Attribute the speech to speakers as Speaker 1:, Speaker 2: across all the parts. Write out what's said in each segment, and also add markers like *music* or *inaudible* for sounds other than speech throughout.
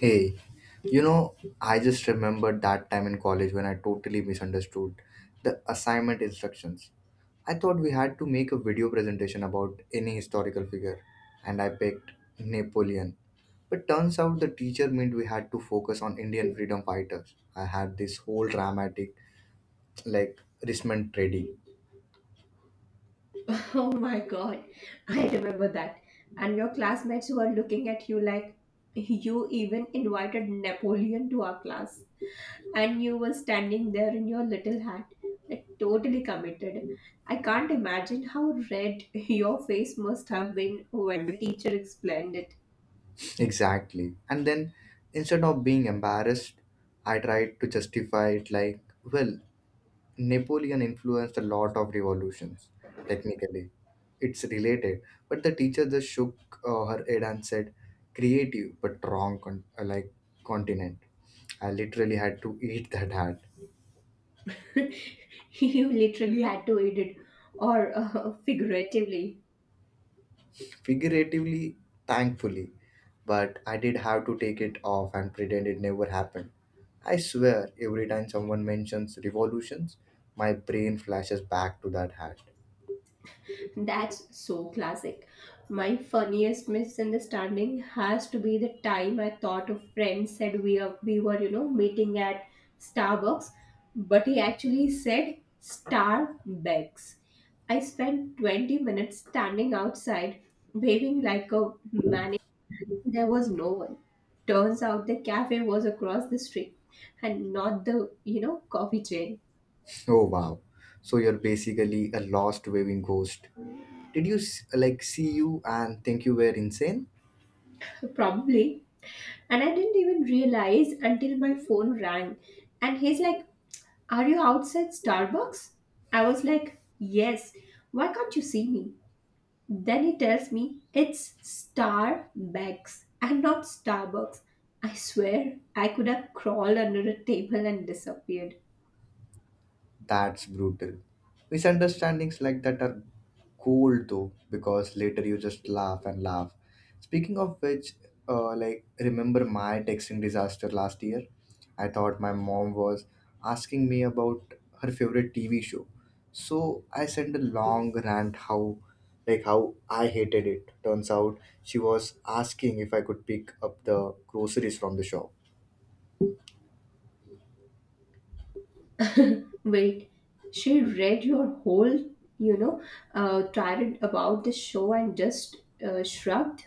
Speaker 1: Hey, you know, I just remembered that time in college when I totally misunderstood the assignment instructions. I thought we had to make a video presentation about any historical figure, and I picked Napoleon. But turns out the teacher meant we had to focus on Indian freedom fighters. I had this whole dramatic, like, wristband trading.
Speaker 2: *laughs* Oh my god, I remember that. And your classmates were looking at you like you even invited Napoleon to our class. And you were standing there in your little hat, like totally committed. I can't imagine how red *laughs* your face must have been when the teacher explained it.
Speaker 1: Exactly. And then, instead of being embarrassed, I tried to justify it like, well, Napoleon influenced a lot of revolutions, technically. It's related. But the teacher just shook her head and said, creative but wrong continent. I literally had to eat that hat.
Speaker 2: *laughs* you literally had to eat it, or *laughs* figuratively.
Speaker 1: Figuratively, thankfully. But I did have to take it off and pretend it never happened. I swear, every time someone mentions revolutions, my brain flashes back to that hat.
Speaker 2: That's so classic. My funniest misunderstanding has to be the time I thought a friend said we were meeting at Starbucks, but he actually said Starbucks. I spent 20 minutes standing outside, waving like a maniac. There was no one. Turns out the cafe was across the street and not the coffee chain.
Speaker 1: Oh wow. So you're basically a lost waving ghost. Did you like see you and think you were insane?
Speaker 2: Probably. And I didn't even realize until my phone rang. And he's like, Are you outside Starbucks? I was like, Yes. Why can't you see me? Then he tells me it's Starbucks and not Starbucks. I swear I could have crawled under a table and disappeared.
Speaker 1: That's brutal. Misunderstandings like that are cool though, because later you just laugh and laugh. Speaking of which, remember my texting disaster last year? I thought my mom was asking me about her favorite TV show, so I sent a long rant how I hated it. Turns out she was asking if I could pick up the groceries from the shop.
Speaker 2: Wait, she read your whole, you know, uh, tirade about the show and just shrugged?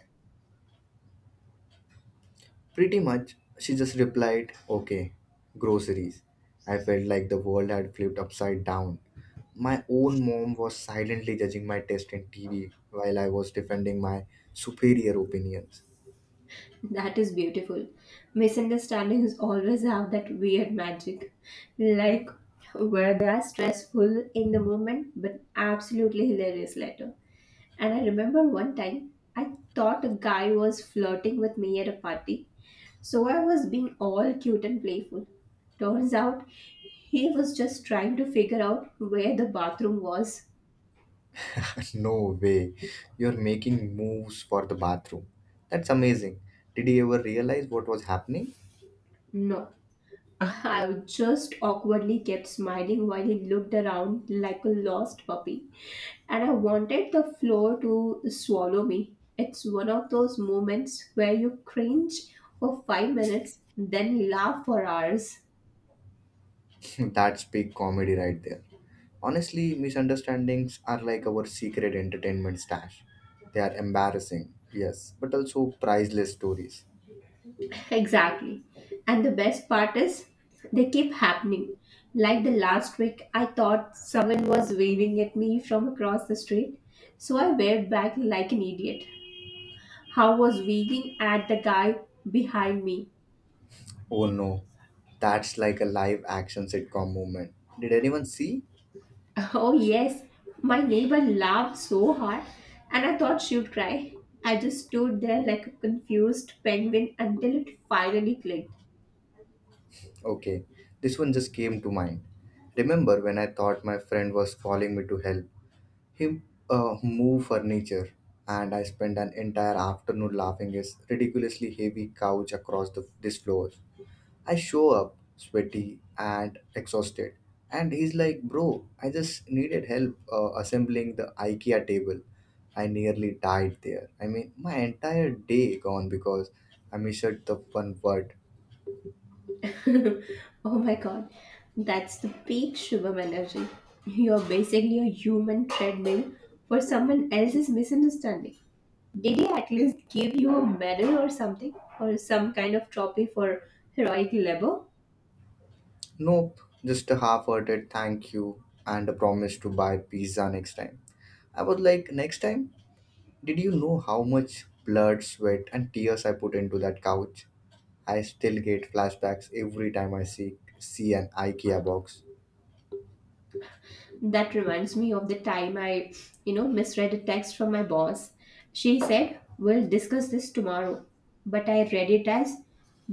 Speaker 1: Pretty much, she just replied, okay, groceries. I felt like the world had flipped upside down. My own mom was silently judging my taste in TV while I was defending my superior opinions.
Speaker 2: That is beautiful. Misunderstandings always have that weird magic. Like where they are stressful in the moment but absolutely hilarious later. And I remember one time I thought a guy was flirting with me at a party. So I was being all cute and playful. Turns out he was just trying to figure out where the bathroom was.
Speaker 1: *laughs* no way, you're making moves for the bathroom. That's amazing. Did you ever realize what was happening?
Speaker 2: No, I just awkwardly kept smiling while he looked around like a lost puppy. And I wanted the floor to swallow me. It's one of those moments where you cringe for 5 minutes, then laugh for hours. *laughs*
Speaker 1: *laughs* That's big comedy right there. Honestly, misunderstandings are like our secret entertainment stash. They are embarrassing, yes, but also priceless stories.
Speaker 2: Exactly. And the best part is, they keep happening. Like the last week, I thought someone was waving at me from across the street, so I waved back like an idiot. How was waving at the guy behind me?
Speaker 1: Oh no, that's like a live action sitcom moment. Did anyone see?
Speaker 2: *laughs* Oh, yes, my neighbor laughed so hard, and I thought she would cry. I just stood there like a confused penguin until it finally clicked.
Speaker 1: Okay, this one just came to mind. Remember when I thought my friend was calling me to help him move furniture, and I spent an entire afternoon laughing his ridiculously heavy couch across this floor. I show up sweaty and exhausted, and he's like, Bro, I just needed help assembling the IKEA table. I nearly died there. I mean, my entire day gone because I missed the one word.
Speaker 2: *laughs* oh my god, that's the peak Shubham energy. You're basically a human treadmill for someone else's misunderstanding. Did he at least give you a medal or something, or some kind of trophy for heroic labor?
Speaker 1: Nope, just a half hearted thank you and a promise to buy pizza next time. I was like, next time? Did you know how much blood, sweat, and tears I put into that couch? I still get flashbacks every time see an IKEA box.
Speaker 2: That reminds me of the time I misread a text from my boss. She said, We'll discuss this tomorrow. But I read it as,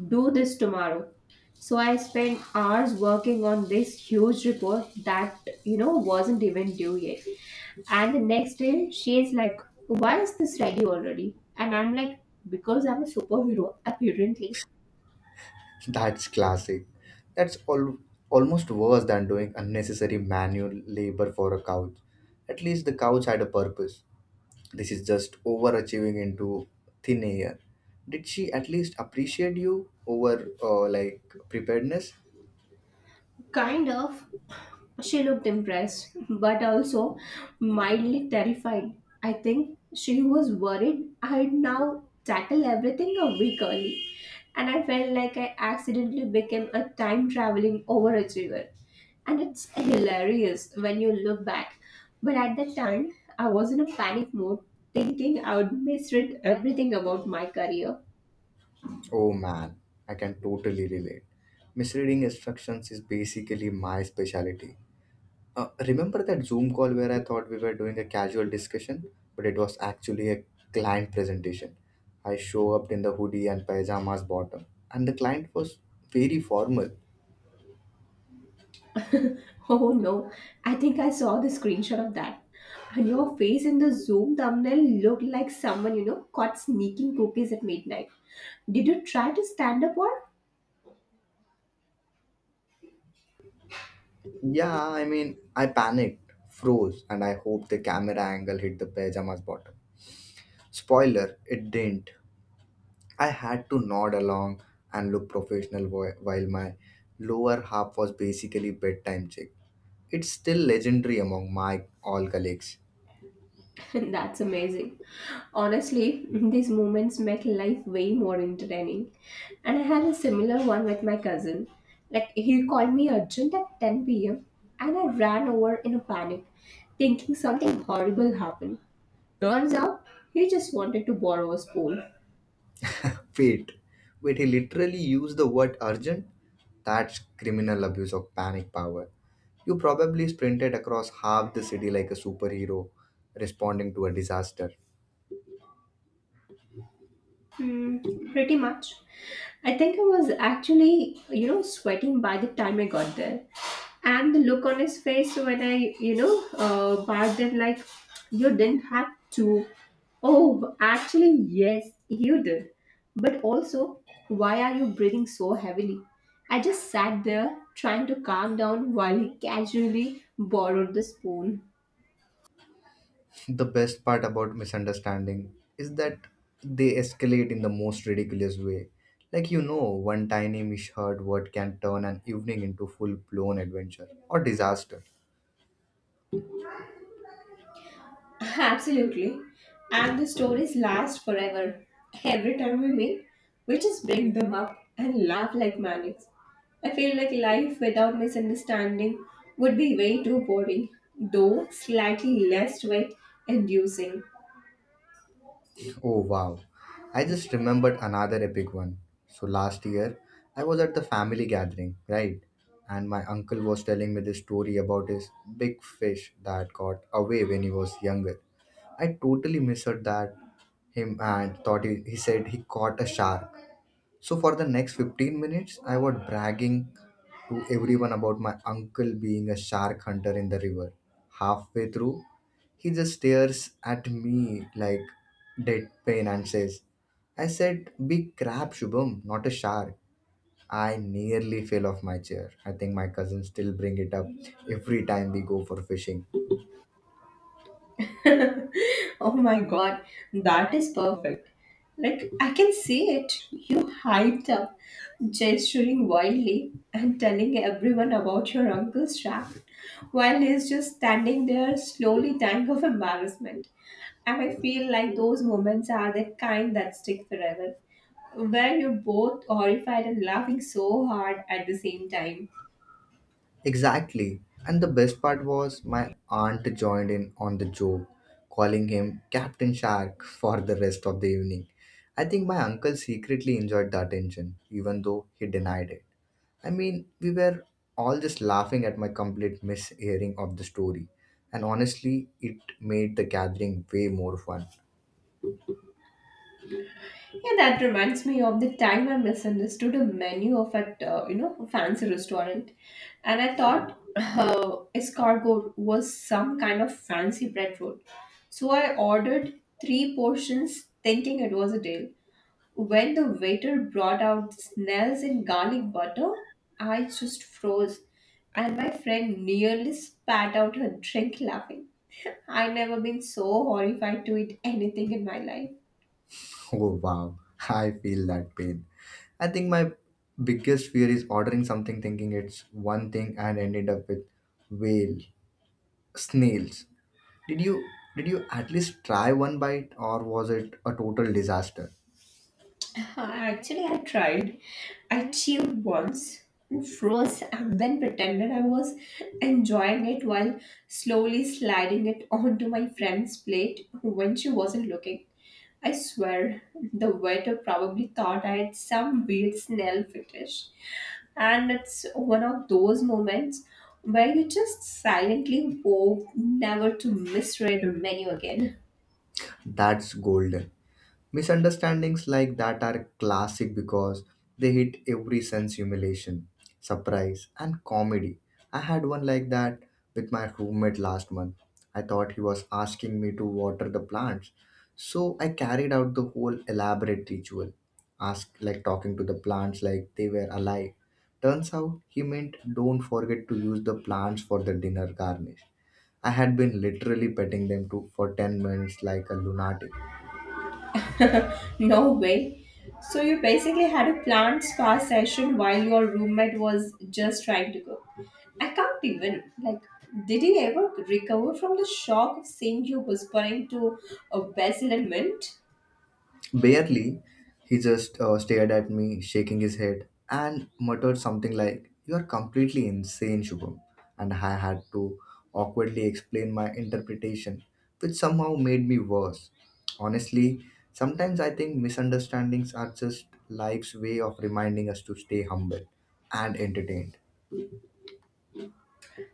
Speaker 2: Do this tomorrow. So I spent hours working on this huge report that wasn't even due yet. And the next day, she is like, Why is this ready already? And I'm like, Because I'm a superhero, apparently.
Speaker 1: That's classic. That's al- almost worse than doing unnecessary manual labor for a couch. At least the couch had a purpose. This is just overachieving into thin air. Did she at least appreciate you over preparedness?
Speaker 2: Kind of. She looked impressed, but also mildly terrified. I think she was worried I'd now tackle everything a week early, and I felt like I accidentally became a time traveling overachiever. And it's hilarious when you look back. But at that time, I was in a panic mode, thinking I would misread everything about my career.
Speaker 1: Oh man, I can totally relate. Misreading instructions is basically my specialty. Remember that Zoom call where I thought we were doing a casual discussion, but it was actually a client presentation. I show up in the hoodie and pajamas bottom, and the client was very formal.
Speaker 2: *laughs* Oh no, I think I saw the screenshot of that. And your face in the Zoom thumbnail looked like someone caught sneaking cookies at midnight. Did you try to stand up or?
Speaker 1: Yeah, I mean, I panicked, froze, and I hoped the camera angle hit the pajamas bottom. Spoiler, it didn't. I had to nod along and look professional while my lower half was basically bedtime check. It's still legendary among my all colleagues.
Speaker 2: *laughs* That's amazing. Honestly, these moments make life way more entertaining. And I had a similar one with my cousin. Like, he called me urgent at 10 p.m., and I ran over in a panic, thinking something horrible happened. Turns out he just wanted to borrow a spoon.
Speaker 1: Wait, Wait, he literally used the word urgent? That's criminal abuse of panic power. You probably sprinted across half the city like a superhero responding to a disaster.
Speaker 2: Mm, pretty much. I think I was actually sweating by the time I got there. And the look on his face when I barked it like, you didn't have to. Oh, actually, yes, you did. But also, why are you breathing so heavily? I just sat there trying to calm down while he casually borrowed the spoon.
Speaker 1: *laughs* The best part about misunderstanding is that they escalate in the most ridiculous way. Like, you know, one tiny misheard word can turn an evening into full blown adventure or disaster.
Speaker 2: *laughs* Absolutely. And the stories last forever. Every time we meet, we just bring them up and laugh like maniacs. I feel like life without misunderstanding would be way too boring, though slightly less sweat inducing.
Speaker 1: Oh wow. I just remembered another epic one. So last year, I was at the family gathering, right? And my uncle was telling me this story about his big fish that got away when he was younger. I totally misheard that him and thought he said he caught a shark. So for the next 15 minutes, I was bragging to everyone about my uncle being a shark hunter in the river. Halfway through, he just stares at me like deadpan and says, I said, big crab, Shubham, not a shark. I nearly fell off my chair. I think my cousins still bring it up every time we go for fishing.
Speaker 2: Oh my god, that is perfect. Like, I can see it. You hyped up, gesturing wildly and telling everyone about your uncle's trap, while he's just standing there, slowly dying of embarrassment. And I feel like those moments are the kind that stick forever, where you're both horrified and laughing so hard at the same time.
Speaker 1: Exactly. And the best part was my aunt joined in on the joke, calling him Captain Shark *laughs* for the rest of the evening. I think my uncle secretly enjoyed the attention, even though he denied it. I mean, we were all just laughing at my complete mishearing of the story. And honestly, it made the gathering way more fun. *laughs*
Speaker 2: Yeah, that reminds me of the time I misunderstood a menu of at fancy restaurant, and I thought escargot was some kind of fancy bread roll. So I ordered three portions, thinking it was a deal. When the waiter brought out snails and garlic butter, I just froze, and my friend nearly spat out her drink laughing. *laughs* I never been so horrified to eat anything in my life.
Speaker 1: Oh wow, I feel that pain. I think my biggest fear is ordering something thinking it's one thing and ended up with whale. Snails. Did you did you at least try one bite or was it a total disaster?
Speaker 2: *laughs* Actually, I tried. I chewed once and froze and then pretended I was enjoying it while slowly sliding it onto my friend's plate when she wasn't looking. I swear, the waiter probably thought I had some weird snail fetish. And it's one of those moments where you just silently hope never to misread a menu again.
Speaker 1: That's golden. Misunderstandings like that are classic because they hit every sense humiliation, surprise, and comedy. I had one like that with my roommate last month. I thought he was asking me to water the plants. So I carried out the whole elaborate ritual, ask like talking to the plants like they were alive. Turns out he meant don't forget to use the plants for the dinner garnish. I had been literally petting them to for 10 minutes like a lunatic.
Speaker 2: No way. So you basically had a planned spa session while your roommate was just trying to cook. I can't even. Like, did he ever recover from the shock of seeing you whispering to a basil and mint?
Speaker 1: Barely, he just stared at me, shaking his head, and muttered something like, you are completely insane, Shubham. And I had to awkwardly explain my interpretation, which somehow made me worse. Honestly, sometimes I think misunderstandings are just life's way of reminding us to stay humble and entertained.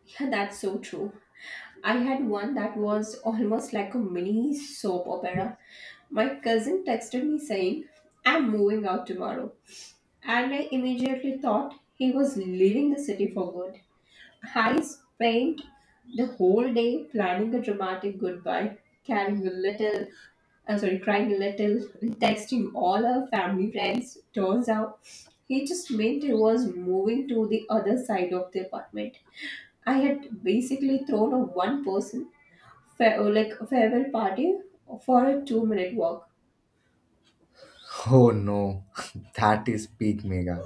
Speaker 2: Yeah, that's so true. I had one that was almost like a mini soap opera. My cousin texted me saying, I'm moving out tomorrow. And I immediately thought he was leaving the city for good. I spent the whole day planning a dramatic goodbye, carrying a little, sorry, crying a little, and texting all our family friends. Turns out he just meant he was moving to the other side of the apartment. I had basically thrown a one person, like a farewell party for a 2 minute walk.
Speaker 1: Oh no, *laughs* that is peak mega.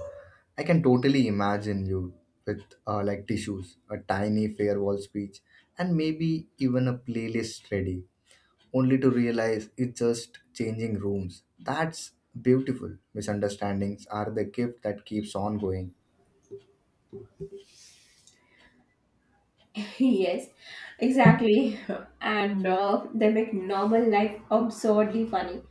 Speaker 1: I can totally imagine you with tissues, a tiny farewell speech, and maybe even a playlist ready, only to realize it's just changing rooms. That's beautiful. Misunderstandings are the gift that keeps on going.
Speaker 2: Yes, exactly. *laughs* And they make normal life absurdly funny.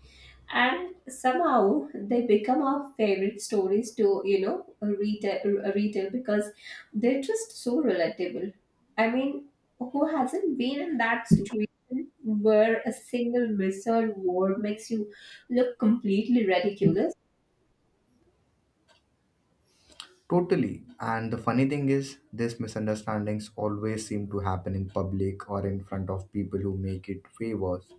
Speaker 2: And somehow they become our favorite stories to retail because they're just so relatable. I mean, who hasn't been in that situation where a single misheard word makes you look completely ridiculous?
Speaker 1: Totally. And the funny thing is, these misunderstandings always seem to happen in public or in front of people who make it way worse.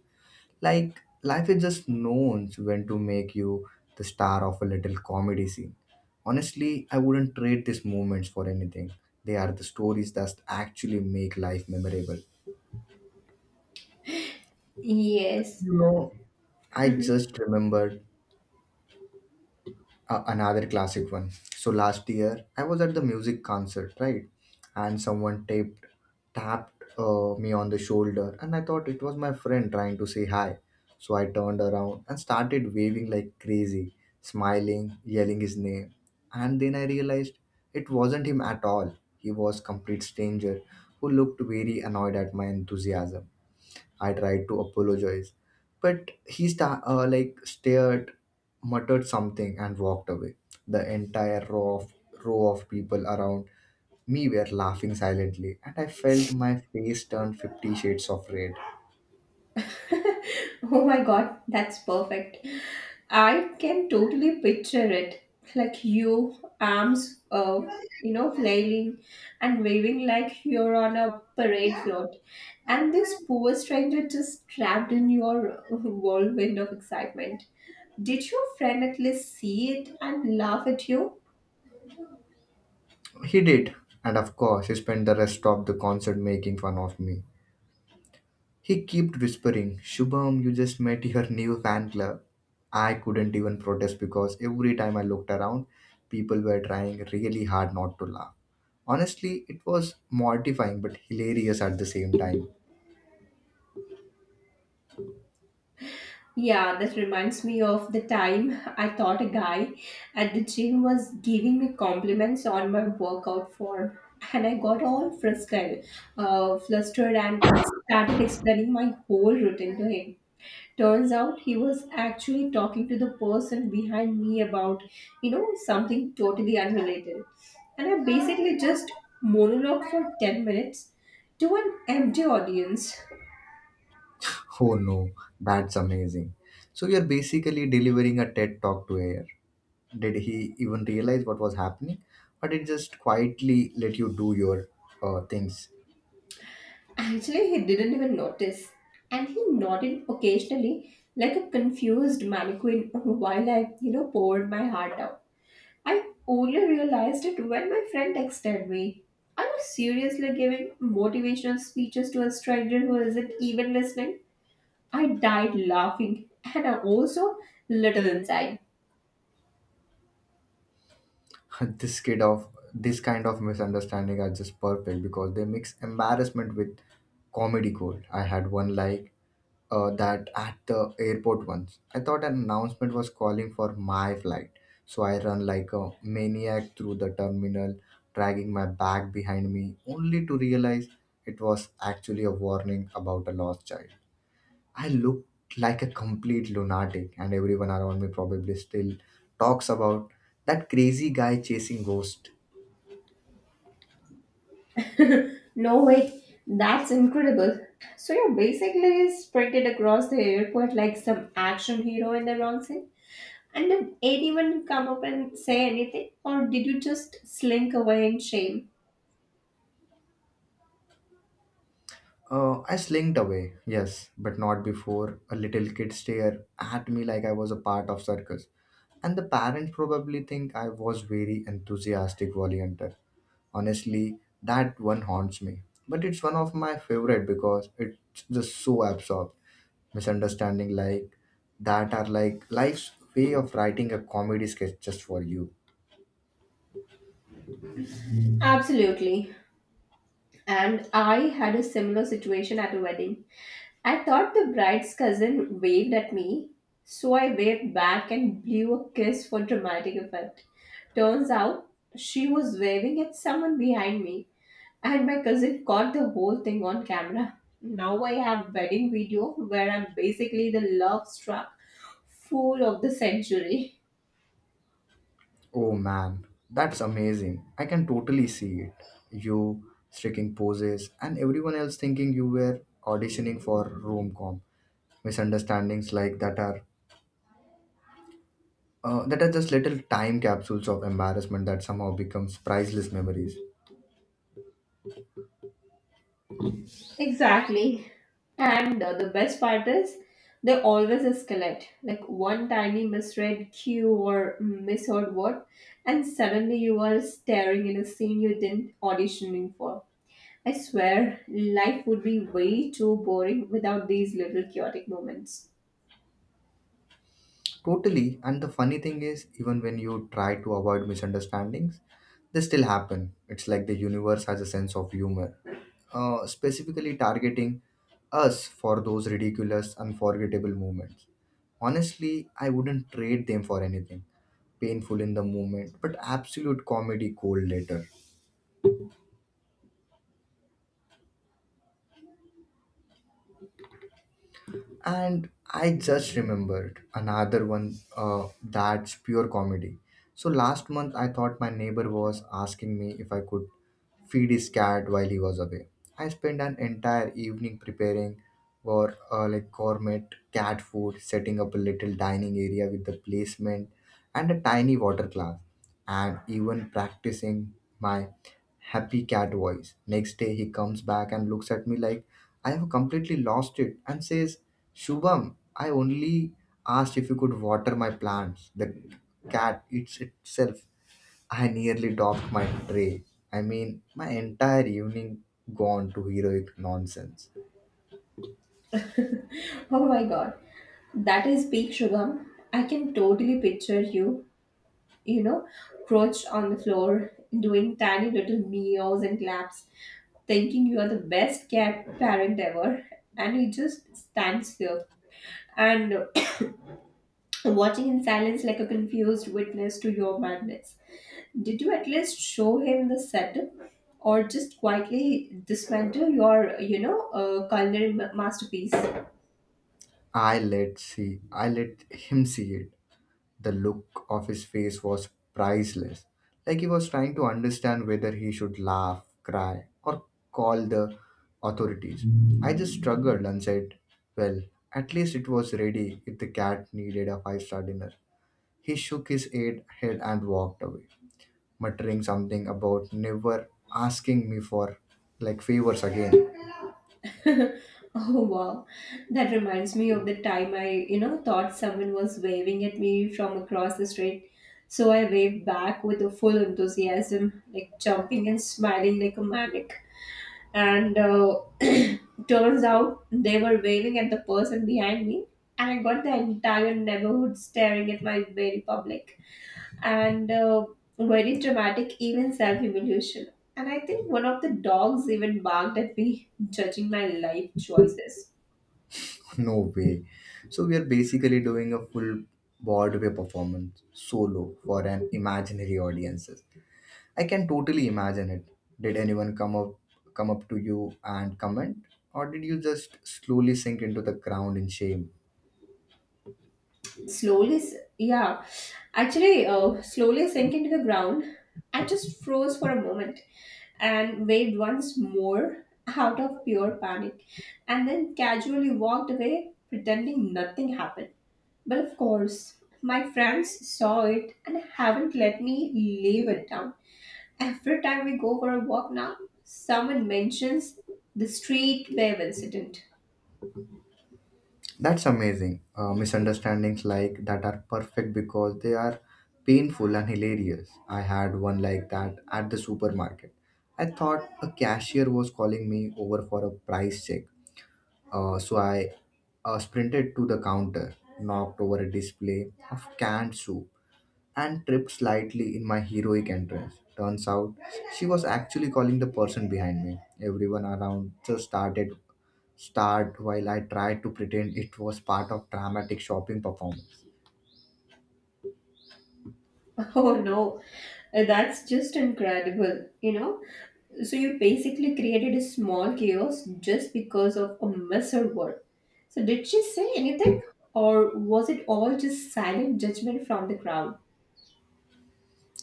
Speaker 1: Like, life is just knows when to make you the star of a little comedy scene. Honestly, I wouldn't trade these moments for anything. They are the stories that actually make life memorable.
Speaker 2: Yes.
Speaker 1: You know, I just remembered another classic one. So last year I was at the music concert, right? And someone taped tapped me on the shoulder, and I thought it was my friend trying to say hi. So I turned around and started waving like crazy, smiling, yelling his name. And then I realized it wasn't him at all. He was complete stranger who looked very annoyed at my enthusiasm. I tried to apologize, but he stared, muttered something, and walked away. The entire row of people around me were laughing silently, and I felt my face turn 50 shades of red.
Speaker 2: Oh my god, that's perfect. I can totally picture it. Like you, arms, flailing and waving like you're on a parade float. And this poor stranger just trapped in your *laughs* whirlwind of excitement. Did your friend at least see it and laugh at you?
Speaker 1: He did, and of course, he spent the rest of the concert making fun of me. He kept whispering, Shubham, you just met your new fan club. I couldn't even protest because every time I looked around, people were trying really hard not to laugh. Honestly, it was mortifying but hilarious at the same time.
Speaker 2: Yeah, that reminds me of the time I thought a guy at the gym was giving me compliments on my workout form, and I got all flustered, and started explaining my whole routine to him. Turns out he was actually talking to the person behind me about something totally unrelated. And I basically just monologued for 10 minutes to an empty audience.
Speaker 1: Oh no, that's amazing. So you're basically delivering a TED talk to air. Did he even realize what was happening? Or did just quietly let you do your things?
Speaker 2: Actually, he didn't even notice, and he nodded occasionally like a confused mannequin while I poured my heart out. I only realized it when my friend texted me. Are you seriously giving motivational speeches to a stranger who isn't even listening? I died laughing and I'm also little inside.
Speaker 1: *laughs* This kind of misunderstanding are just perfect because they mix embarrassment with comedy gold. I had one like that at the airport once. I thought an announcement was calling for my flight, so I run like a maniac through the terminal, dragging my bag behind me, only to realize it was actually a warning about a lost child. I looked like a complete lunatic, and everyone around me probably still talks about that crazy guy chasing ghost.
Speaker 2: *laughs* No, wait, that's incredible. So you're basically sprinted across the airport like some action hero in the wrong scene? And did anyone come up and say anything? Or did you just slink away in shame?
Speaker 1: I slinked away, yes, but not before a little kid stare at me like I was a part of circus. And the parents probably think I was very enthusiastic volunteer. Honestly, that one haunts me. But it's one of my favorite because it's just so absorbed. Misunderstanding like that are like life's way of writing a comedy sketch just for you.
Speaker 2: Absolutely. And I had a similar situation at a wedding. I thought the bride's cousin waved at me, so I waved back and blew a kiss for dramatic effect. Turns out she was waving at someone behind me. And my cousin caught the whole thing on camera. Now I have wedding video where I'm basically the love struck fool of the century.
Speaker 1: Oh man, that's amazing. I can totally see it. You sticking poses and everyone else thinking you were auditioning for rom com. Misunderstandings like that are just little time capsules of embarrassment that somehow becomes priceless memories.
Speaker 2: Exactly. And the best part is they always escalate. Like one tiny misread cue or misheard word, and suddenly you are staring in a scene you didn't auditioning for. I swear, life would be way too boring without these little chaotic moments.
Speaker 1: Totally. And the funny thing is, even when you try to avoid misunderstandings, they still happen. It's like the universe has a sense of humor, specifically targeting us for those ridiculous, unforgettable moments. Honestly, I wouldn't trade them for anything. Painful in the moment, but absolute comedy gold later. And I just remembered another one that's pure comedy. So last month, I thought my neighbor was asking me if I could feed his cat while he was away. I spent an entire evening preparing for like gourmet cat food, setting up a little dining area with the placement and a tiny water glass and even practicing my happy cat voice. Next day he comes back and looks at me like I have completely lost it and says, Shubham, I only asked if you could water my plants. The cat eats itself. I nearly dropped my tray. I mean, my entire evening gone to heroic nonsense.
Speaker 2: Oh my god, that is peak Shubham. I can totally picture you crouched on the floor, doing tiny little meows and claps, thinking you are the best cat parent ever, and he just stands there and *coughs* *clears throat* watching in silence like a confused witness to your madness. Did you at least show him the setup, or just quietly dismantle your culinary masterpiece?
Speaker 1: I let him see it. The look of his face was priceless, like he was trying to understand whether he should laugh, cry, or call the authorities. I just struggled and said, Well, at least it was ready if the cat needed a five-star dinner. He shook his head and walked away, muttering something about never asking me for like favors again.
Speaker 2: *laughs* Oh wow, that reminds me of the time I thought someone was waving at me from across the street. So I waved back with a full enthusiasm, like jumping and smiling like a maniac. And *clears throat* turns out they were waving at the person behind me, and I got the entire neighborhood staring at my very public and very dramatic, even self humiliation. And I think one of the dogs even barked at me, judging my life choices.
Speaker 1: *laughs* No way. So we are basically doing a full Broadway performance solo for an imaginary audience. I can totally imagine it. Did anyone come up to you and comment? Or did you just slowly sink into the ground in shame?
Speaker 2: Yeah, actually, slowly sank into the ground. I just froze for a moment and waved once more out of pure panic, and then casually walked away, pretending nothing happened. But of course, my friends saw it and haven't let me leave it down. Every time we go for a walk now, someone mentions the street wave incident.
Speaker 1: That's amazing. Misunderstandings like that are perfect because they are painful and hilarious. I had one like that at the supermarket. I thought a cashier was calling me over for a price check. So I sprinted to the counter, knocked over a display of canned soup and tripped slightly in my heroic entrance. Turns out she was actually calling the person behind me. Everyone around just started start while I tried to pretend it was part of dramatic shopping performance.
Speaker 2: *laughs* Oh no, that's just incredible? So you basically created a small chaos just because of a misheard word. So did she say anything, or was it all just silent judgment from the crowd?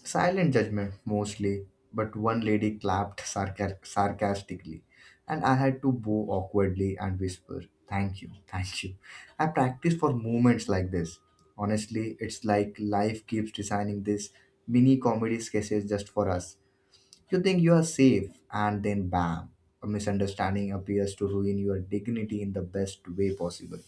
Speaker 1: Silent judgment mostly, but one lady clapped sarcastically, and I had to bow awkwardly and whisper, "Thank you, thank you." I practice for moments like this. Honestly, it's like life keeps designing these mini comedy sketches just for us. You think you are safe, and then bam, a misunderstanding appears to ruin your dignity in the best way possible.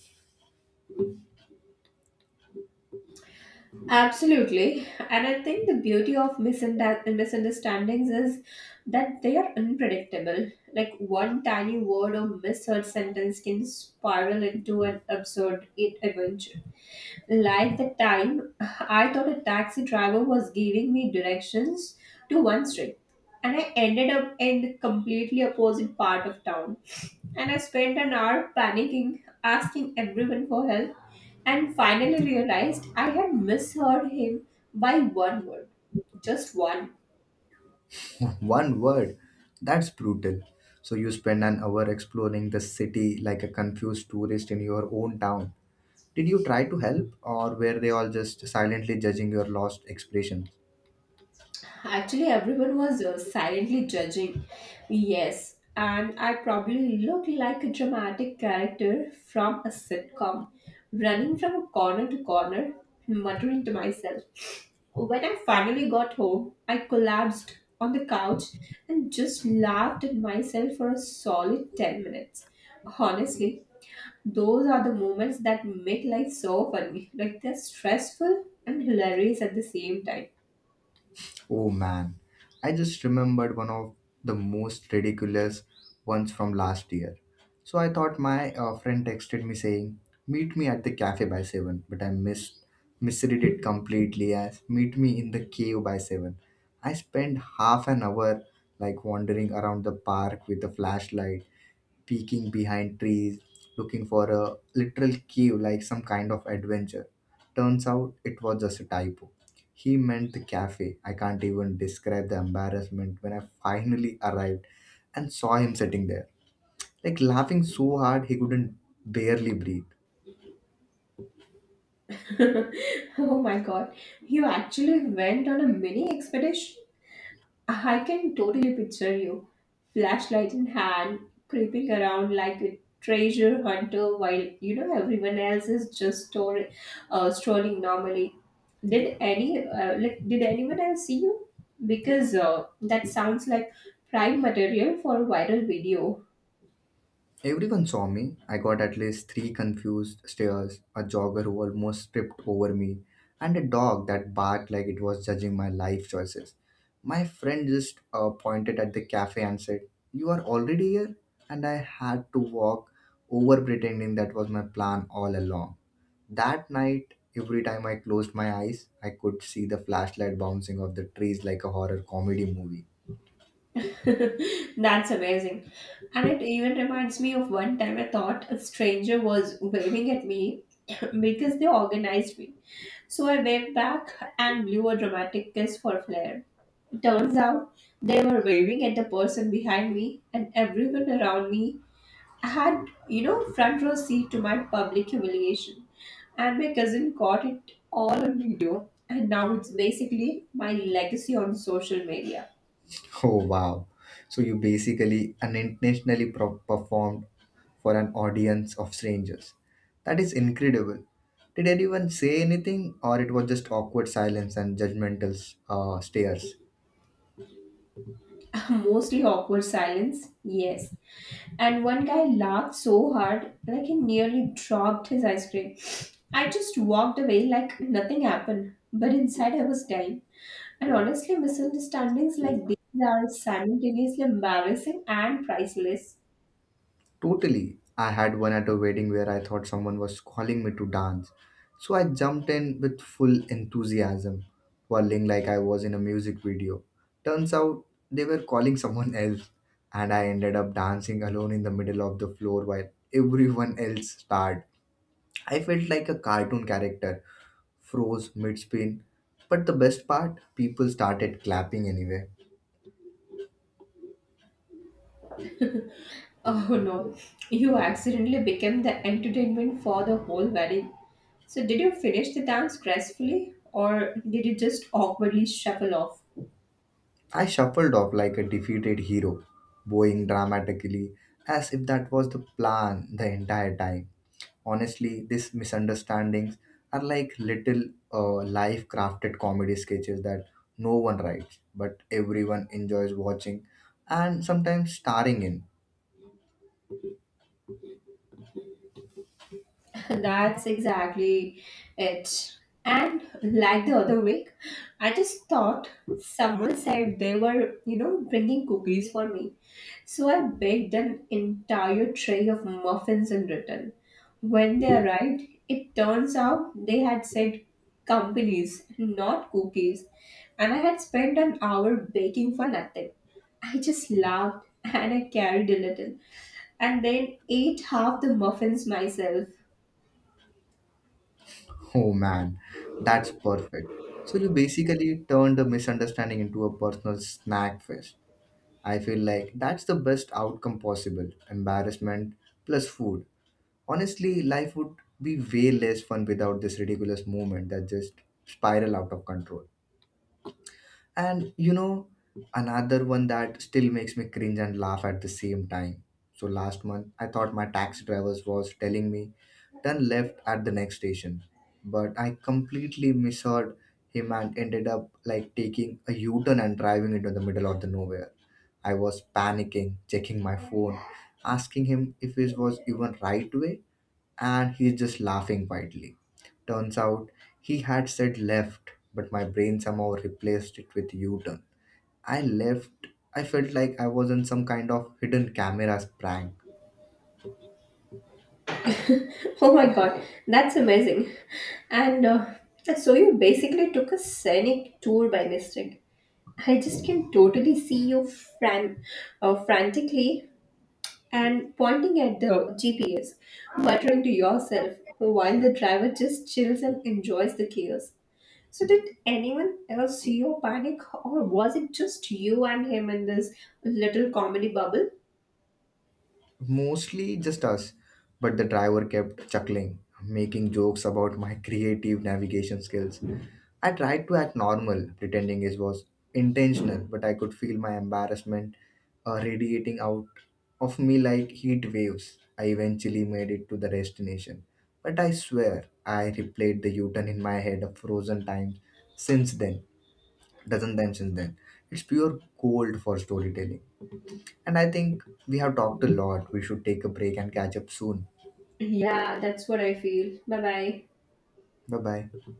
Speaker 2: Absolutely. And I think the beauty of misunderstandings is that they are unpredictable. Like one tiny word or misheard sentence can spiral into an absurd adventure. Like the time I thought a taxi driver was giving me directions to one street and I ended up in the completely opposite part of town. And I spent an hour panicking, asking everyone for help, and finally realized I had misheard him by one word. Just one.
Speaker 1: One word, that's brutal. So you spend an hour exploring the city like a confused tourist in your own town. Did you try to help, or were they all just silently judging your lost expression?
Speaker 2: Actually, everyone was silently judging. Yes, and I probably looked like a dramatic character from a sitcom, running from corner to corner, muttering to myself. When I finally got home, I collapsed on the couch and just laughed at myself for a solid 10 minutes. Honestly, those are the moments that make life so funny. Like they're stressful and hilarious at the same time.
Speaker 1: Oh man, I just remembered one of the most ridiculous ones from last year. So I thought my friend texted me saying, "Meet me at the cafe by 7," but I misread it completely as "Meet me in the cave by 7." I spent half an hour like wandering around the park with a flashlight, peeking behind trees, looking for a literal cave like some kind of adventure. Turns out it was just a typo. He meant the cafe. I can't even describe the embarrassment when I finally arrived and saw him sitting there, like laughing so hard he couldn't barely breathe.
Speaker 2: *laughs* Oh my god, you actually went on a mini expedition? I can totally picture you, flashlight in hand, creeping around like a treasure hunter while you know everyone else is just strolling normally. Did any, like did anyone else see you? Because that sounds like prime material for a viral video.
Speaker 1: Everyone saw me. I got at least three confused stares, a jogger who almost tripped over me, and a dog that barked like it was judging my life choices. My friend just pointed at the cafe and said, You are already here? And I had to walk over pretending that was my plan all along. That night, every time I closed my eyes, I could see the flashlight bouncing off the trees like a horror comedy movie.
Speaker 2: *laughs* That's amazing. And it even reminds me of one time I thought a stranger was waving at me *coughs* *laughs* because they organized me. So I waved back and blew a dramatic kiss for flair. Turns out they were waving at the person behind me and everyone around me had, you know, front row seat to my public humiliation. And my cousin caught it all on video. And now it's basically my legacy on social media.
Speaker 1: *laughs* Oh wow. So you basically unintentionally performed for an audience of strangers. That is incredible. Did anyone say anything or it was just awkward silence and judgmental stares?
Speaker 2: Mostly awkward silence, yes. And one guy laughed so hard, like he nearly dropped his ice cream. I just walked away like nothing happened, but inside I was dying. And honestly, misunderstandings like these are simultaneously embarrassing and priceless.
Speaker 1: Totally. I had one at a wedding where I thought someone was calling me to dance. So I jumped in with full enthusiasm, whirling like I was in a music video. Turns out they were calling someone else, and I ended up dancing alone in the middle of the floor while everyone else starred. I felt like a cartoon character, froze mid spin. But the best part, people started clapping anyway.
Speaker 2: Oh no, you accidentally became the entertainment for the whole wedding. So, did you finish the dance gracefully or did you just awkwardly shuffle off?
Speaker 1: I shuffled off like a defeated hero, bowing dramatically as if that was the plan the entire time. Honestly, these misunderstandings are like little life crafted comedy sketches that no one writes, but everyone enjoys watching and sometimes starring in. *laughs*
Speaker 2: *laughs* That's exactly it. And like the other week, I just thought someone said they were, you know, bringing cookies for me. So I baked an entire tray of muffins in return. When they arrived, it turns out they had said companies, not cookies, and I had spent an hour baking for nothing. I just laughed *laughs* and I carried a little and then ate half the muffins myself.
Speaker 1: Oh man, that's perfect. So you basically turned the misunderstanding into a personal snack fest. I feel like that's the best outcome possible embarrassment plus food honestly life would be way less fun without this ridiculous movement that just spiral out of control and you know, another one that still makes me cringe and laugh at the same time. So last month, I thought my taxi driver was telling me, turn left at the next station. But I completely misheard him and ended up like taking a U turn and driving into the middle of the nowhere. I was panicking, checking my phone, asking him if it was even right way, and he's just laughing quietly. Turns out he had said left, but my brain somehow replaced it with U turn. I left. I felt like I was in some kind of hidden camera's prank.
Speaker 2: *laughs* Oh my god, that's amazing. And so you basically took a scenic tour by mistake. I just can totally see you frantically and pointing at the GPS, muttering to yourself while the driver just chills and enjoys the chaos. So, did anyone else see your panic, or was it just you and him in this little comedy bubble?
Speaker 1: Mostly just us, but the driver kept chuckling, making jokes about my *laughs* creative navigation skills. I tried to act normal, pretending it was intentional, but I could feel my embarrassment radiating out of me like heat waves. I eventually made it to the destination, but I swear I replayed the U-turn in my head a frozen times since then, dozen times since then. It's pure gold for storytelling. And I think we have talked a lot. We should take a break and catch up soon.
Speaker 2: Yeah, that's what I feel. Bye bye.
Speaker 1: Bye bye.